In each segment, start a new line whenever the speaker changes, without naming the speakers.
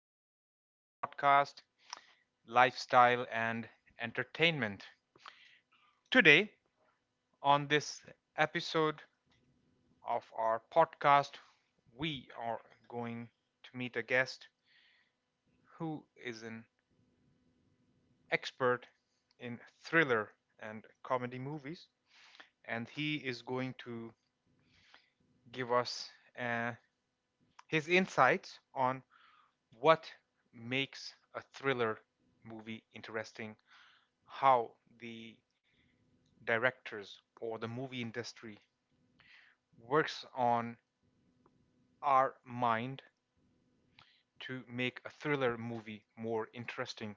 to our weekly podcast, Lifestyle and Entertainment. Today, on this episode of our podcast, we are going to meet a guest who is an expert in thriller and comedy movies, and he is going to give us uh, his insights on what makes a thriller movie interesting, how the directors or the movie industry works on our mind to make a thriller movie more interesting,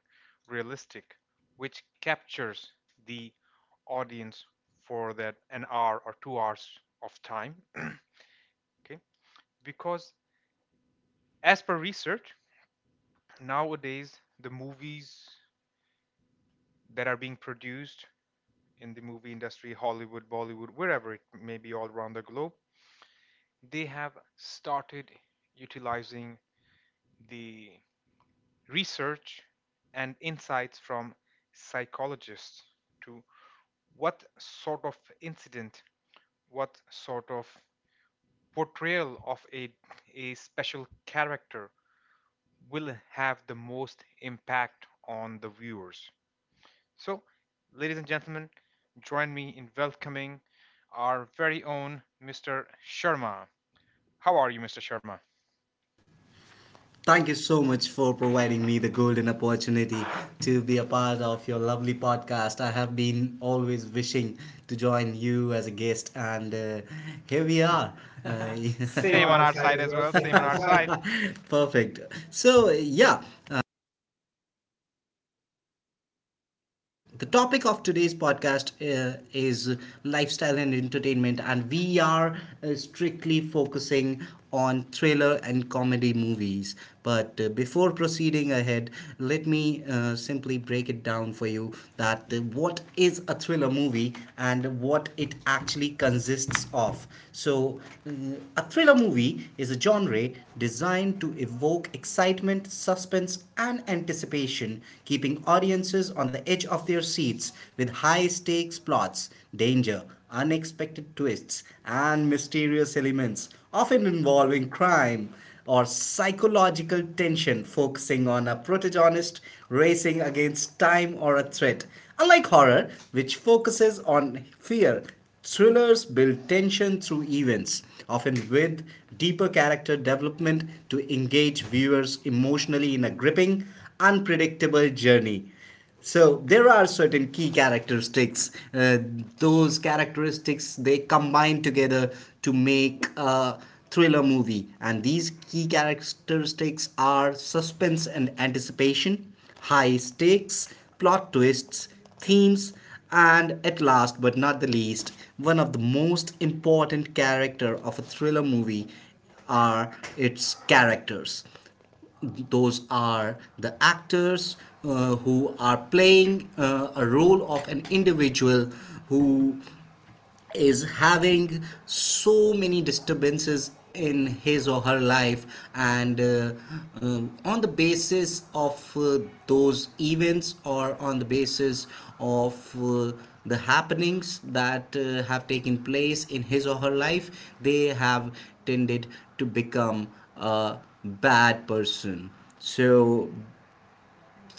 realistic, which captures the audience for that an hour or 2 hours of time. Okay, because as per research, nowadays the movies that are being produced in the movie industry, Hollywood, Bollywood, wherever it may be all around the globe, they have started utilizing the research and insights from psychologists to what sort of incident, what sort of portrayal of a special character will have the most impact on the viewers. So, ladies and gentlemen, join me in welcoming our very own Mr. Sharma. How are you, Mr. Sharma?
Thank you so much for providing me the golden opportunity to be a part of your lovely podcast. I have been always wishing to join you as a guest, and here we are. Uh,
Same
Same
on
on
our
our side
side as
as well.
well,
Same
same on
on
our
our
side.
side. Perfect. So, yeah, the topic of today's podcast is lifestyle and entertainment, and we are strictly focusing on thriller and comedy movies. But before proceeding ahead, let me simply break it down for you that what is a thriller movie and what it actually consists of. So, a thriller movie is a genre designed to evoke excitement, suspense, and anticipation, keeping audiences on the edge of their seats with high stakes plots, danger, unexpected twists, and mysterious elements, often involving crime or psychological tension focusing on a protagonist racing against time or a threat. Unlike horror, which focuses on fear, thrillers build tension through events, often with deeper character development to engage viewers emotionally in a gripping, unpredictable journey. So there are certain key characteristics. Those characteristics they combine together to make a thriller movie, and these key characteristics are suspense and anticipation, high stakes, plot twists, themes, and at last but not the least, one of the most important character of a thriller movie are its characters, those are the actors who are playing a role of an individual who is having so many disturbances in his or her life and on the basis of those events or on the basis of uh, the happenings that have taken place in his or her life, they have tended to become a bad person. So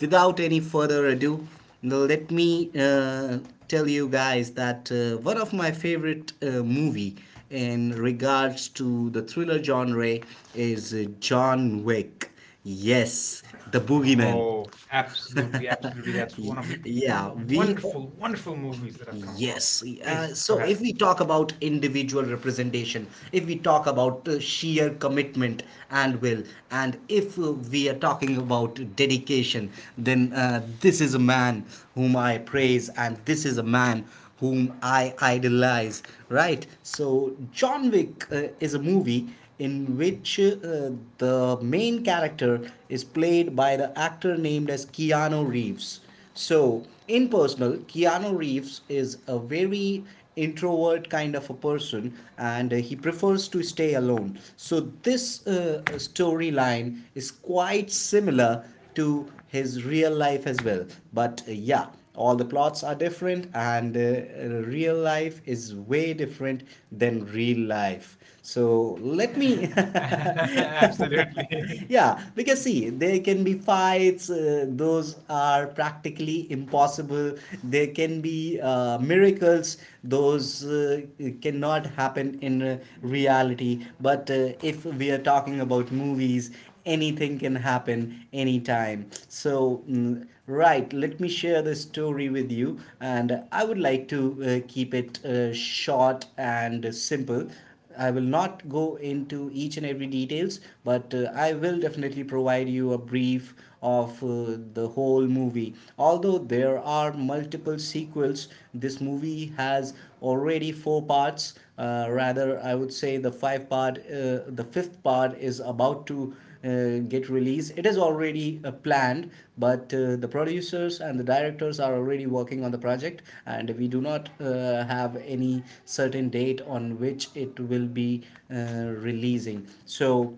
without any further ado, let me tell you guys that one of my favorite movie in regards to the thriller genre is John Wick. Yes, the boogeyman. Oh,
Oh,
absolutely,
absolutely,
absolutely.
absolutely.
That's
That's one of the, yeah,
Yeah, we wonderful,
wonderful,
wonderful
wonderful
movies
movies
that
that
I've
I've
come.
come across.
Yes.
Yes,
Uh,
please go
so if
ahead.
we talk about individual representation, if we talk about sheer commitment and will. And if we are talking about dedication, then this is a man whom I praise, and this is a man whom I idolize, right? So, John Wick is a movie in which the main character is played by the actor named as Keanu Reeves. So, in personal, Keanu Reeves is a very introvert kind of a person, and he prefers to stay alone. So, this storyline is quite similar to his real life as well. But yeah, all the plots are different and real life is way different than real life, so let me Absolutely.
Absolutely.
Yeah, because see there can be fights, those are practically impossible. There can be miracles, those cannot happen in reality, but if we are talking about movies, anything can happen anytime. So, right, let me share this story with you, and I would like to keep it short and simple. I will not go into each and every details, but I will definitely provide you a brief of the whole movie. Although there are multiple sequels, this movie has already four parts. Rather, I would say the five part, the fifth part is about to get released. It is already planned, but the producers and the directors are already working on the project, and we do not have any certain date on which it will be releasing. So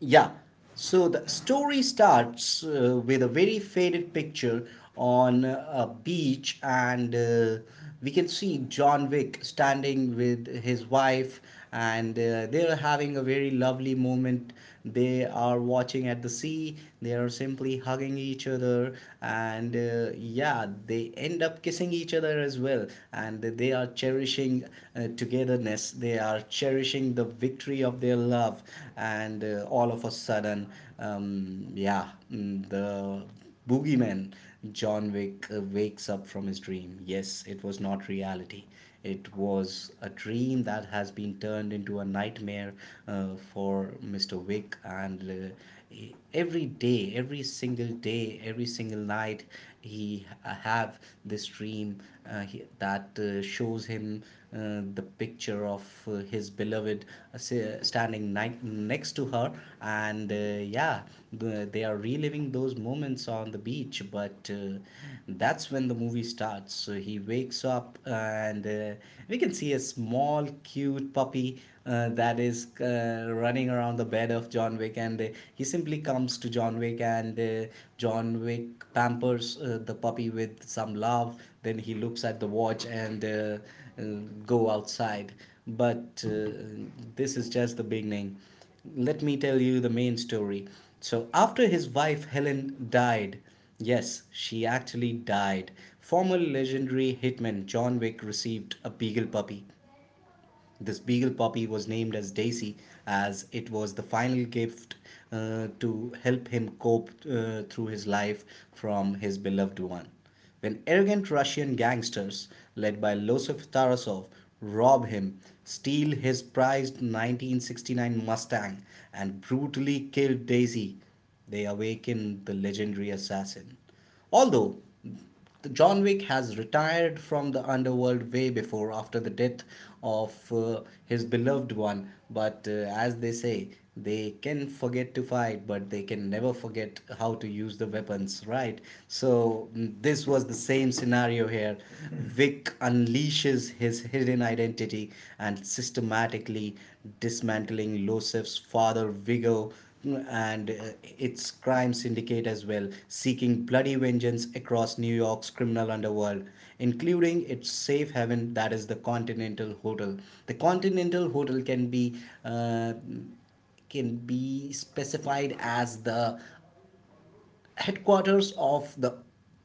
yeah. So the story starts with a very faded picture on a beach, and we can see John Wick standing with his wife, and they're having a very lovely moment. They are watching at the sea, they are simply hugging each other, and yeah, they end up kissing each other as well, and they are cherishing togetherness. They are cherishing the victory of their love, and all of a sudden, yeah, the boogeyman John Wick wakes up from his dream. Yes, it was not reality. It was a dream that has been turned into a nightmare for Mr. Wick, and every day, every single night, he have this dream that shows him the picture of his beloved standing next to her and yeah, they are reliving those moments on the beach, but that's when the movie starts. So he wakes up, and we can see a small cute puppy that is running around the bed of John Wick, and he simply comes to John Wick, and John Wick pampers the puppy with some love. Then he looks at the watch and uh, go outside. But this is just the beginning. Let me tell you the main story. So, after his wife Helen died, yes, she actually died, former legendary hitman John Wick received a beagle puppy. This beagle puppy was named as Daisy, as it was the final gift to help him cope through his life from his beloved one. When arrogant Russian gangsters led by Losef Tarasov rob him, steal his prized 1969 Mustang, and brutally kill Daisy, they awaken the legendary assassin. Although John Wick has retired from the underworld way before after the death of his beloved one. But as they say, they can forget to fight, but they can never forget how to use the weapons, right? So, this was the same scenario here. Vic unleashes his hidden identity and systematically dismantling Losef's father, Vigo, and its crime syndicate as well, seeking bloody vengeance across New York's criminal underworld, including its safe haven that is the Continental Hotel. The Continental Hotel uh, can be specified as the headquarters of the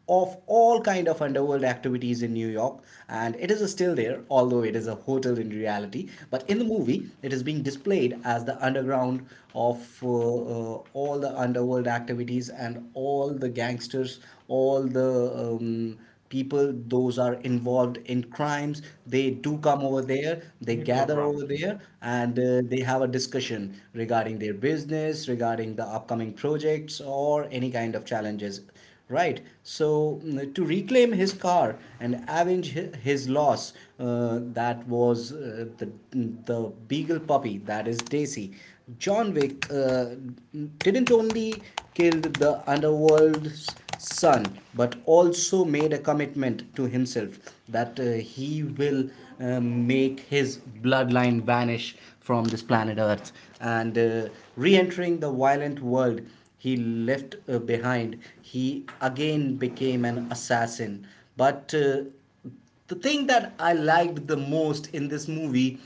of all kind of underworld activities in New York, and it is still there. Although it is a hotel in reality, but in the movie it is being displayed as the underground of all the underworld activities and all the gangsters, all the people those are involved in crimes, they do come over there, they
Neutral
gather over
ground.
there, and they have a discussion regarding their business, regarding the upcoming projects or any kind of challenges, right? So to reclaim his car and avenge his loss, that was the beagle puppy, that is Daisy. John Wick didn't only kill the underworld's son, but also made a commitment to himself that he will make his bloodline vanish from this planet Earth. And re entering the violent world he left behind, he again became an assassin. But the thing that I liked the most in this movie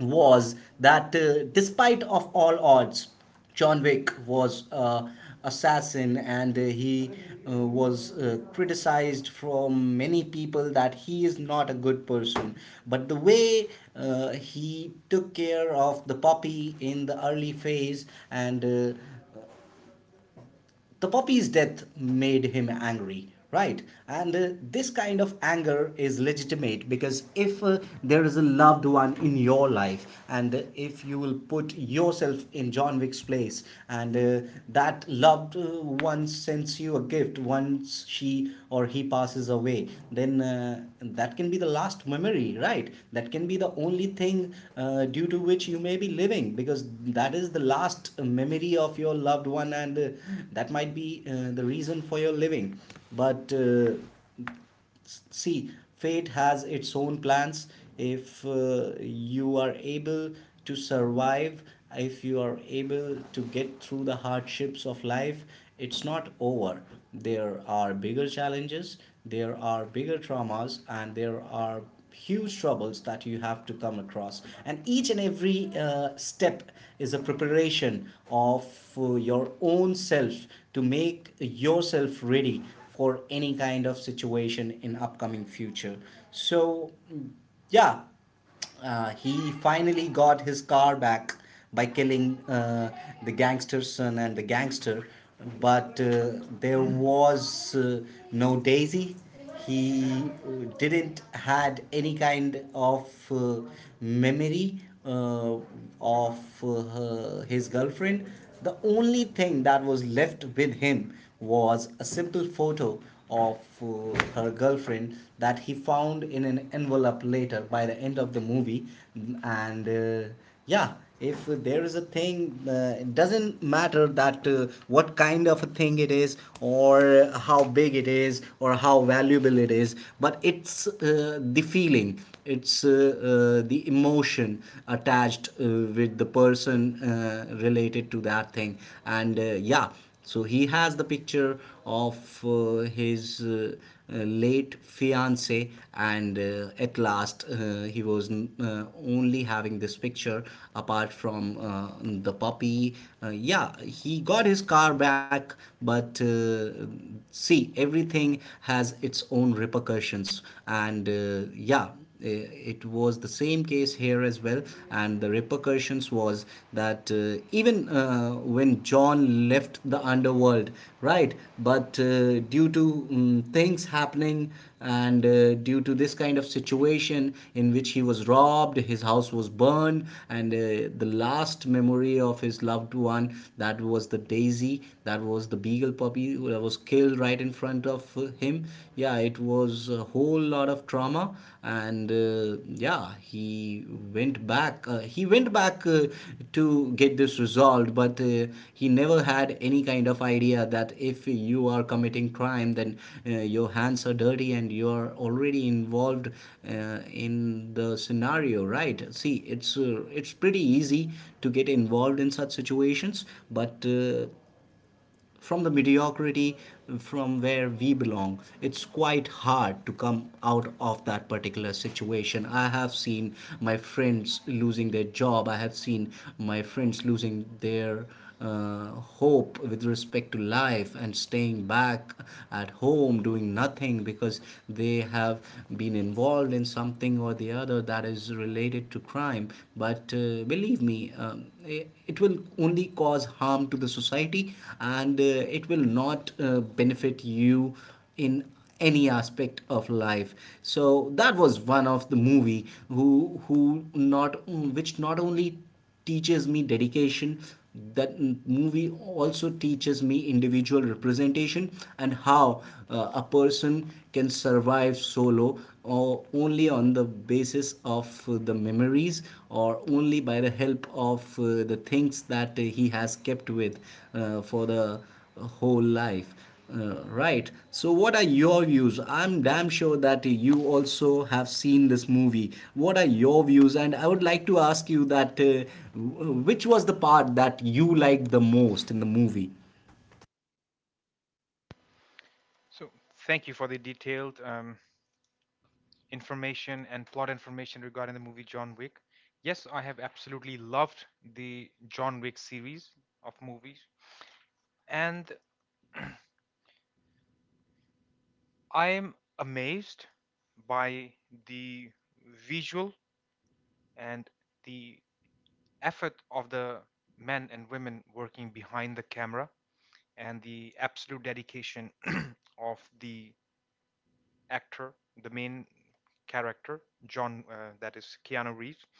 was that despite of all odds, John Wick was assassin, and he was criticized from many people that he is not a good person. But the way he took care of the puppy in the early phase, and uh, the puppy's death made him angry, right? And this kind of anger is legitimate, because if there is a loved one in your life, and if you will put yourself in John Wick's place, and that loved one sends you a gift once she or he passes away, then that can be the last memory, right? That can be the only thing due to which you may be living, because that is the last memory of your loved one, and that might be the reason for your living. But see, fate has its own plans. If you are able to survive, if you are able to get through the hardships of life, it's not over. There are bigger challenges, there are bigger traumas, and there are huge troubles that you have to come across, and each and every step is a preparation of your own self, to make yourself ready for any kind of situation in upcoming future. So yeah, he finally got his car back by killing the gangster's son and the gangster, but there was no Daisy. He didn't had any kind of memory uh, of his girlfriend. The only thing that was left with him was a simple photo of her girlfriend that he found in an envelope later by the end of the movie. Mm, and uh, yeah, if there is a thing, it doesn't matter that what kind of a thing it is or how big it is or how valuable it is, but it's, the feeling, it's the emotion attached with the person related to that thing. And Yeah, so he has the picture of his late fiance, and at last he was only having this picture apart from the puppy. Yeah, he got his car back, but see, everything has its own repercussions, and yeah, it was the same case here as well, and the repercussions was that, even when john left the underworld, right, but due to things happening and due to this kind of situation in which he was robbed, his house was burned, and the last memory of his loved one, that was the daisy, that was the beagle puppy that was killed right in front of him. Yeah, it was a whole lot of trauma, and yeah, he went back to get this resolved, but he never had any kind of idea that if you are committing crime, then your hands are dirty and you are already involved in the scenario, right? See, it's pretty easy to get involved in such situations, but from the mediocrity, from where we belong, it's quite hard to come out of that particular situation. I have seen my friends losing their job. I have seen my friends losing their uh, hope with respect to life and staying back at home doing nothing because they have been involved in something or the other that is related to crime. But believe me, um, it will only cause harm to the society, and it will not benefit you in any aspect of life. So that was one of the movie who who not which not only teaches me dedication, that movie also teaches me individual representation and how a person can survive solo, or only on the basis of the memories, or only by the help of the things that he has kept with for the whole life. Right. So, what are your views? I'm damn sure that you also have seen this movie. What are your views? And I would like to ask you that, which was the part that you liked the most in the movie?
So, thank you for the detailed information and plot information regarding the movie John Wick. Yes, I have absolutely loved the John Wick series of movies, and I am amazed by the visual and the effort of the men and women working behind the camera and the absolute dedication of the actor, the main character, John, that is Keanu Reeves,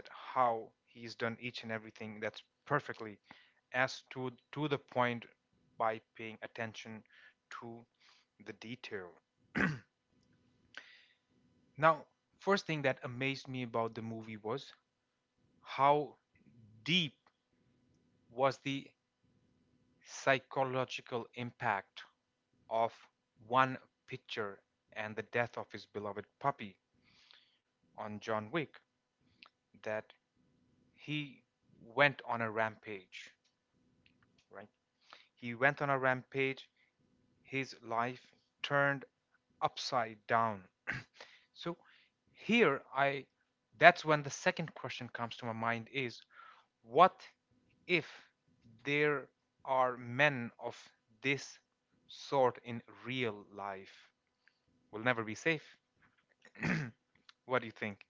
that how he's done each and everything that's perfectly as to the point by paying attention to the detail. Now, first thing that amazed me about the movie was how deep was the psychological impact of one picture and the death of his beloved puppy on John Wick that he went on a rampage, right? He went on a rampage, his life turned upside down. So here, I that's when the second question comes to my mind is, what if there are men of this sort in real life? We'll never be safe. What do you think?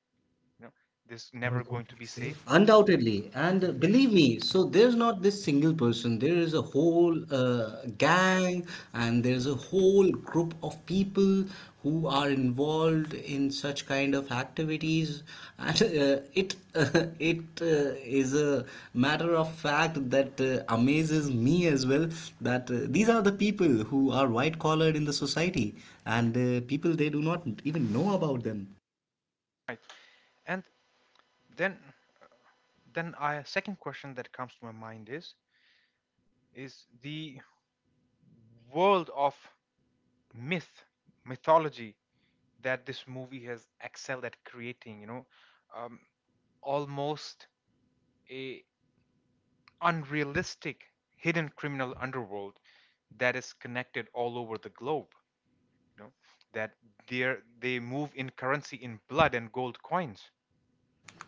you know this is
Never
never
going
going
to
to
be
be safe.
safe. Undoubtedly, and believe me, so there's not this single person. There is a whole gang, and there's a whole group of people who are involved in such kind of activities. And it it is a matter of fact that amazes me as well, that these are the people who are white collared in the society, and people, they do not even know about them.
And then then a second question that comes to my mind is the world of myth mythology that this movie has excelled at creating, um, almost a unrealistic hidden criminal underworld that is connected all over the globe, you know that they they move in currency in blood and gold coins.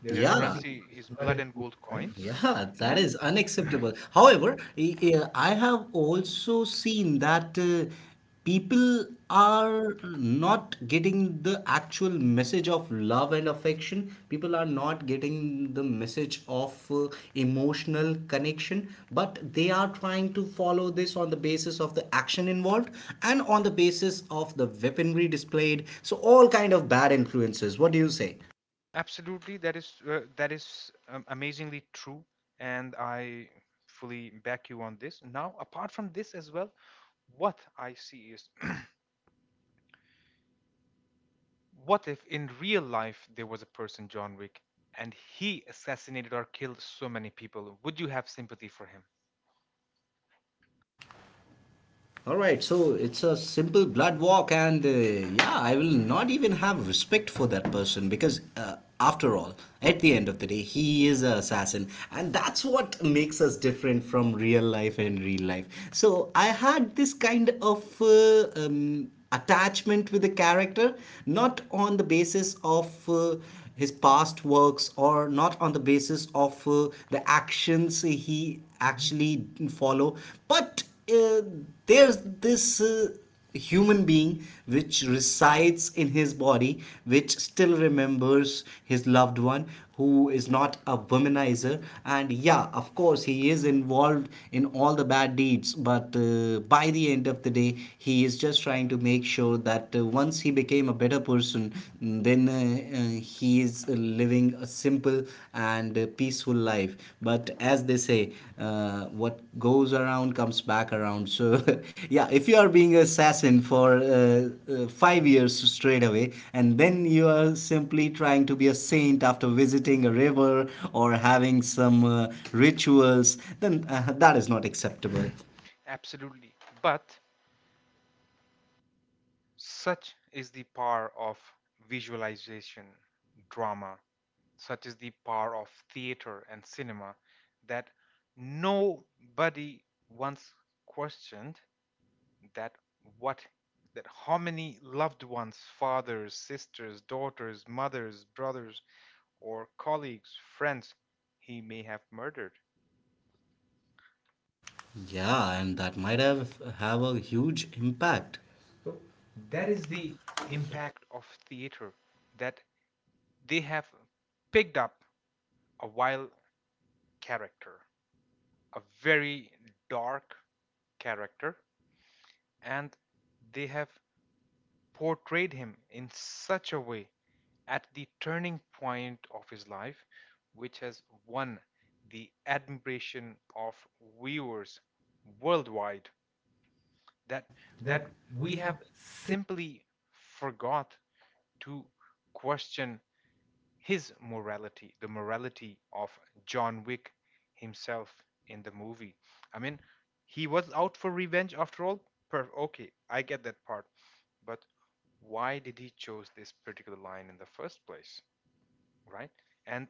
There's
Their
no, yeah, secret.
currency
It's
is
not
blood
a
and
moot
gold
point.
coins,
Yeah, that
and
is unacceptable. However, I have also seen that, people are not getting the actual message of love and affection. People are not getting the message of emotional connection, but they are trying to follow this on the basis of the action involved and on the basis of the weaponry displayed. So all kind of bad influences. What do you say?
absolutely, that is amazingly true, and I fully back you on this. Now, apart from this as well, what I see is what if in real life there was a person John Wick and he assassinated or killed so many people? Would you have sympathy for him?
All right, so it's a simple blood walk, and yeah, I will not even have respect for that person because, after all, at the end of the day, he is an assassin, and that's what makes us different from real life and real life. So I had this kind of attachment with the character, not on the basis of his past works, or not on the basis of the actions he actually follow, but just there's this human being which resides in his body, which still remembers his loved one, who is not a womanizer. And yeah, of course he is involved in all the bad deeds, but by the end of the day, he is just trying to make sure that once he became a better person, then he is living a simple and peaceful life. But as they say, what goes around comes back around. So yeah, if you are being assassin for 5 years straight away, and then you are simply trying to be a saint after visiting a river or having some rituals, then that is not acceptable.
Absolutely. But such is the power of visualization, drama. Such is the power of theater and cinema that nobody once questioned that, what that how many loved ones, fathers, sisters, daughters, mothers, brothers, or colleagues, friends he may have murdered.
Yeah, and that might have a huge impact. So that is
It's
the
the
impact
impact of theater that they have picked up a wild character, a very dark character, and they have portrayed him in such a way at the turning point of his life, which has won the admiration of viewers worldwide, that
that
that
that we
we have
have sim-
simply forgot to question his morality, the morality of John Wick himself in the movie. I mean, he was out for revenge after all. Okay, I get that part. But why did he chose this particular line in the first place, right? and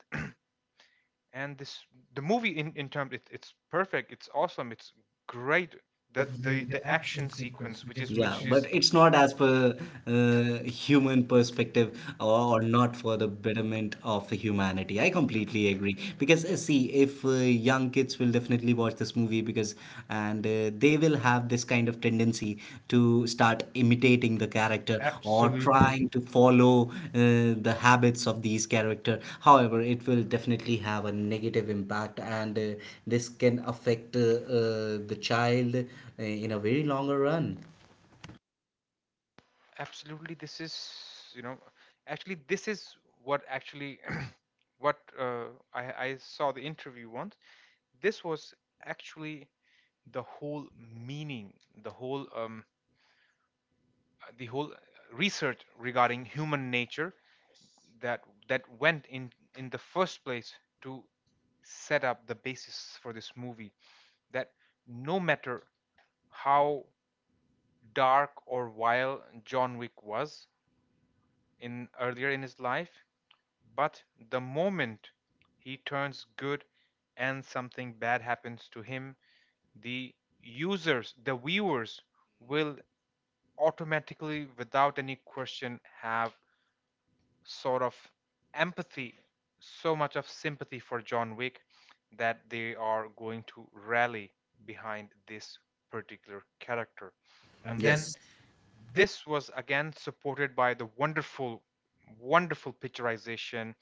and this the movie in terms, it's perfect, it's awesome, it's great.
the,
That the
the
the action
action sequence
sequence which
which is,
is
yeah, which
which
is,
is
but is, it's not as per human perspective, or not for the betterment of the humanity. I completely agree because, see, if young kids will definitely watch this movie, because and they will have this kind of tendency to start imitating the character or, absolutely,
absolutely,
trying to follow the habits of these character. However, it will definitely have a negative impact, and this can affect the child in a very longer run.
absolutely, this is, you know actually, this is what, actually, what I saw the interview once. This was actually the whole meaning, the whole research regarding human nature that went in the first place to set up the basis for this movie, that no matter how dark or vile John Wick was in earlier in his life, but the moment he turns good and something bad happens to him, the users the viewers will automatically without any question have sort of empathy, so much of sympathy for John Wick that they are going to rally behind this particular character.
And
And then
yes, yes,
this was again supported by the wonderful, wonderful picturization,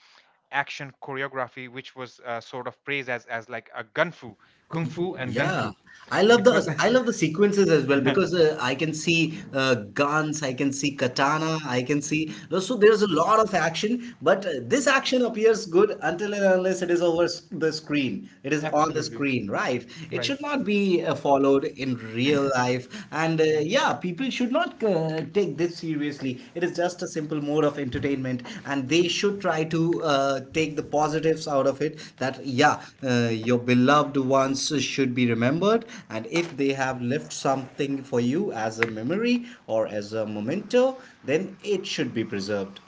action choreography, which was sort of praised as, like a gunfu,
kung
kung fu
fu and,
and
yeah,
gunfu.
fu. I love the, I
I love
love the
the sequence
sequences as well, fu.
because
Because I can see guns, I can see katana, I can see, so there's a lot of action, but this action appears good until and unless it is over the screen. It
it is on
is
the
on the absolutely
absolutely screen,
screen,
right.
right? It
It
right.
Right.
Should
Should not
not
be
be followed
followed,
in real
real life.
life,
And
and
Mm.
yeah,
Yeah,
people should not take this seriously. It is just a simple mode of entertainment, and they should try to take the positives out of it, that yeah, your beloved ones should be remembered, and if they have left something for you as a memory or as a memento, then it should be preserved.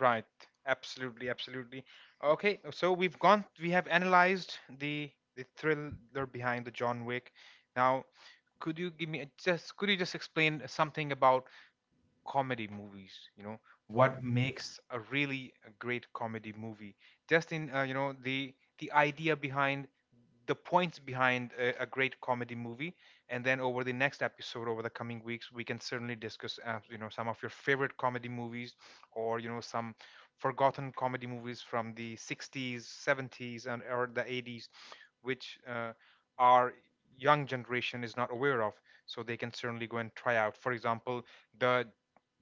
right. Absolutely, absolutely. Okay, so we have analyzed the thriller behind the John Wick. Now, could you give me just— could you just explain something about comedy movies, what
What makes
makes a really a great comedy movie, just in the idea behind the points behind a great comedy movie? And then over the next episode, over the coming weeks, we can certainly discuss some of your favorite comedy movies, or some forgotten comedy movies from the 60s, 70s, and or the 80s, which our young generation is not aware of. So they can certainly go and try out, for example, the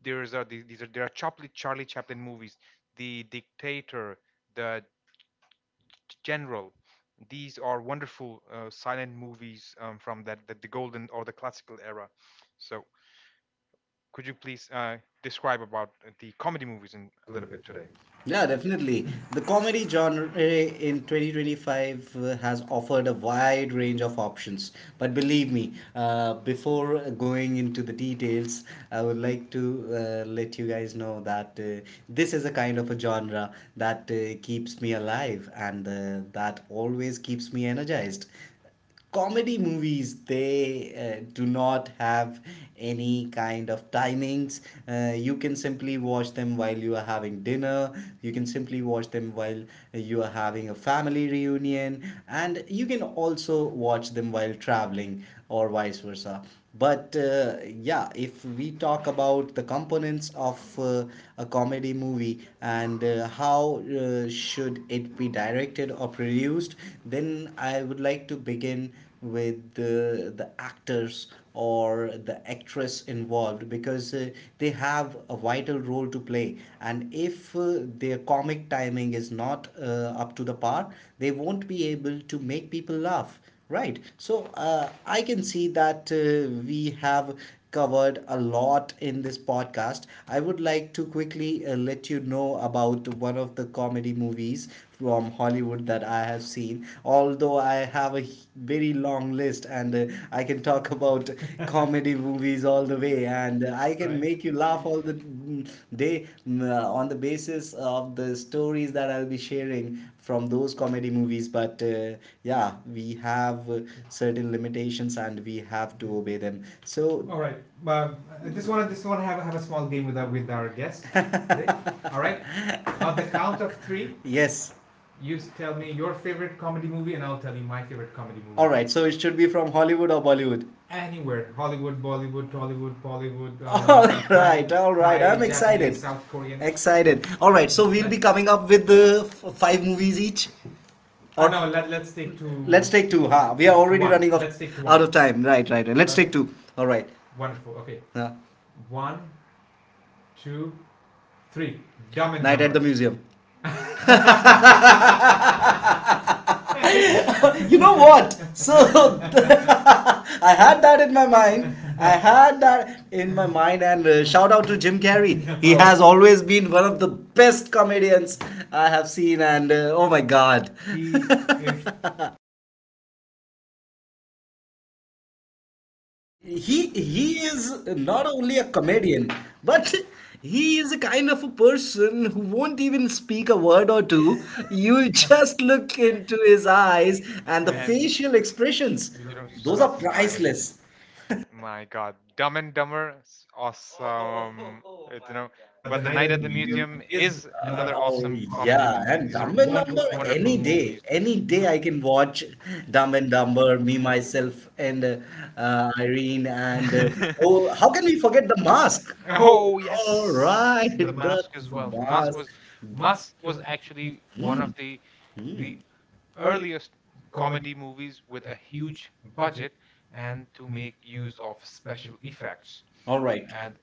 there are Charlie Chaplin movies, The Dictator, The General. These are wonderful silent movies from that the golden or the classical era. So could you please describe about the comedy movies in a
a
little
little
bit
bit today.
today?
Yeah, definitely. The comedy genre in 2025 has offered a wide range of options. But believe me, before going into the details, I would like to let you guys know that, this is a kind of a genre that keeps me alive and that always keeps me energized. Comedy movies, they do not have any kind of timings. You can simply watch them while you are having dinner, you can simply watch them while you are having a family reunion, and you can also watch them while traveling or vice versa. But yeah, if we talk about the components of a comedy movie, and how should it be directed or produced, then I would like to begin with the actors or the actress involved, because they have a vital role to play. And if their comic timing is not up to the par, they won't be able to make people laugh. Right. So I can see that we have covered a lot in this podcast. I would like to quickly let you know about one of the comedy movies from Hollywood that I have seen. Although I have a very long list, and I can talk about comedy movies all the way, and I can
Right.
make you laugh all the day today, on the basis of the stories that I'll be sharing from those comedy movies. But yeah, we have certain limitations and we have to obey them. So, all right. Um, I just want to have a small game with our guest. All right. On the count of three, yes. You tell me your favorite comedy movie, and I'll tell you my favorite comedy movie. All right. So, it should be from Hollywood or Bollywood? Anywhere, Hollywood, Bollywood, Tollywood, Bollywood. All right, all right. Thai, I'm Thai, excited. South Korean. Excited. All right, so we'll be coming up with the five movies each. Or oh no, let, let's take two. Let's take two. Huh? We are already, one, running off out of time. Right, right, right. Let's, okay, take two. All right. Wonderful. Okay. Huh. One, two, three. Dumb and Night Dumber at the Museum. You know what? So I had that in my mind. I had that in my mind, and shout out to Jim Carrey. He has always been one of the best comedians I have seen, and oh my god. He, if, he he is not only a comedian, but he is a kind of a person who won't even speak a word or two. You just look into his eyes and the
And,
facial expressions;
you
those
start
are
smiling.
priceless.
My God, Dumb and Dumber, awesome. It's, you know,
But the
but The
night
Night
at the
at the
museum
Museum
is
is
another.
another
Oh
awesome
absolute, yeah,
comedy
masterpiece. And
movie.
it's
These
like
are
Dumb and, what, Dumber
wonderful,
was, any film
wonderful
was, day,
movies.
any
You
day
know,
I can watch Dumb and Dumber, me
you know.
myself and Irene, and oh, how can we forget the mask? Oh
Oh
yes, all
yes,
right, the mask
Mask
the
as
as well.
well.
Mask mask.
Was,
was, mask
Mask
was
was
actually
actually
one
one
of,
of the
Mm, the,
the
mm, the early
earliest
comedy
comedy
movies
movies with
with
a
a huge
huge
budget
budget
and
and to
to make
make
use
use
of
of
special
special
effects.
effects.
All right. And
And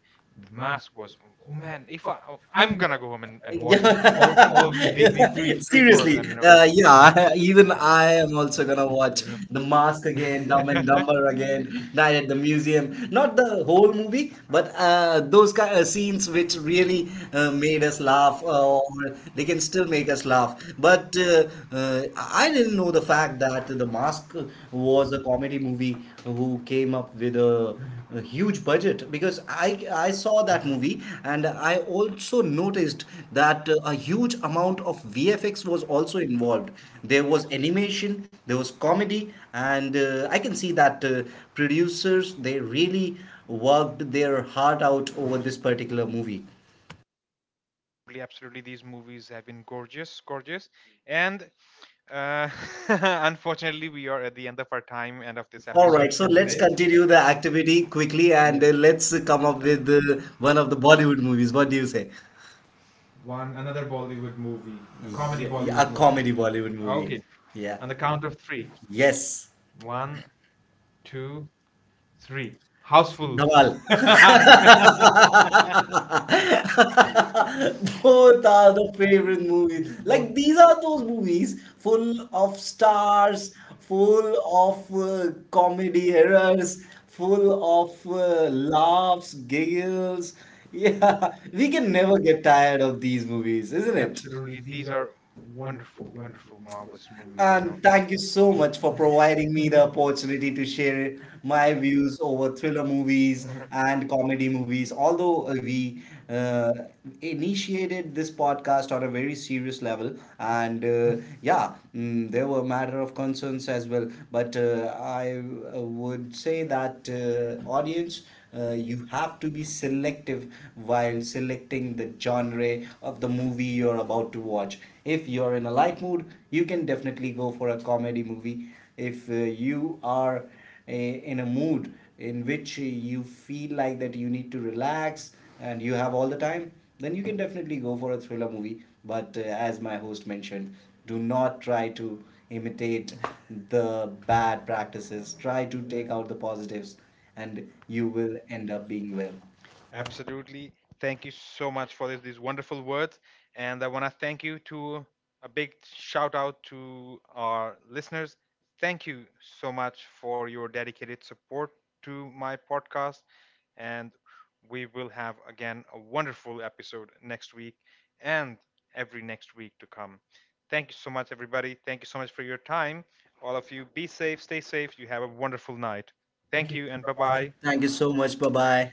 the mask
masters.
was, oh
Man,
man,
if
if
I,
I, oh,
I'm
I'm gonna
gonna
go home and,
go back. What,
watch
yeah, was
all these
the
three
episode?
three four of
Seriously.
them
In a, uh, row.
you know,
Yeah.
you
Even
know,
I am also
uh,
gonna watch
you know.
The Mask again, Dumb and Dumber again, Night at the Museum. Not the whole movie, but those kind of scenes which really made us laugh, or they can still make us laugh. But I didn't know the fact that The Mask was a comedy movie who came up with a huge budget, because I saw that movie and I also noticed that a huge amount of VFX was also involved. There was animation, there was comedy, and I can see that producers, they really worked their heart out over this particular movie.
Absolutely, these movies have been gorgeous, gorgeous, and uh, unfortunately, we are at the end of our time, end of this
All
episode
right, so
for
let's
today.
continue the activity quickly, and let's come up with one of the Bollywood movies. What do you say? One another Bollywood movie, comedy Bollywood. Yeah, Bollywood a movie, comedy Bollywood movie.
Okay,
Okay. Yeah.
on
On
the
the
count
count
of
of three.
three.
Yes. One,
One, two,
two,
three.
three. Houseful.
Houseful.
Dhamal. Both are the favorite movies. Like these are those movies full of stars, full of comedy errors, full of laughs, giggles. Yeah, we can never get tired of these movies, isn't it? Absolutely.
Absolutely.
These
These are
are wonderful,
wonderful,
wonderful,
wonderful,
marvelous
marvelous
movie.
movies.
And thank you so much for providing me the opportunity to share my views over thriller movies and comedy movies. Although we uh, initiated this podcast on a very serious level, and yeah, there were matter of concerns as well. But I would say that audience, you have to be selective while selecting the genre of the movie you're about to watch. If you're in a light mood, you can definitely go for a comedy movie. If you are in a mood in which you feel like that you need to relax and you have all the time, then you can definitely go for a thriller movie. But as my host mentioned, do not try to imitate the bad practices. Try to take out the positives and you will end up being well. Absolutely.
Absolutely. Thank you so much for this, these wonderful words. And I want to thank you, to a big shout out to our listeners. Thank you so much for your dedicated support to my podcast. And we will have again a wonderful episode next week and every next week to come. Thank you so much, everybody. Thank you so much for your time. All of you, be safe, stay safe. You have a wonderful night.
Thank
Thank
you.
you, and bye
Bye-bye.
bye.
Thank you so much. Bye bye.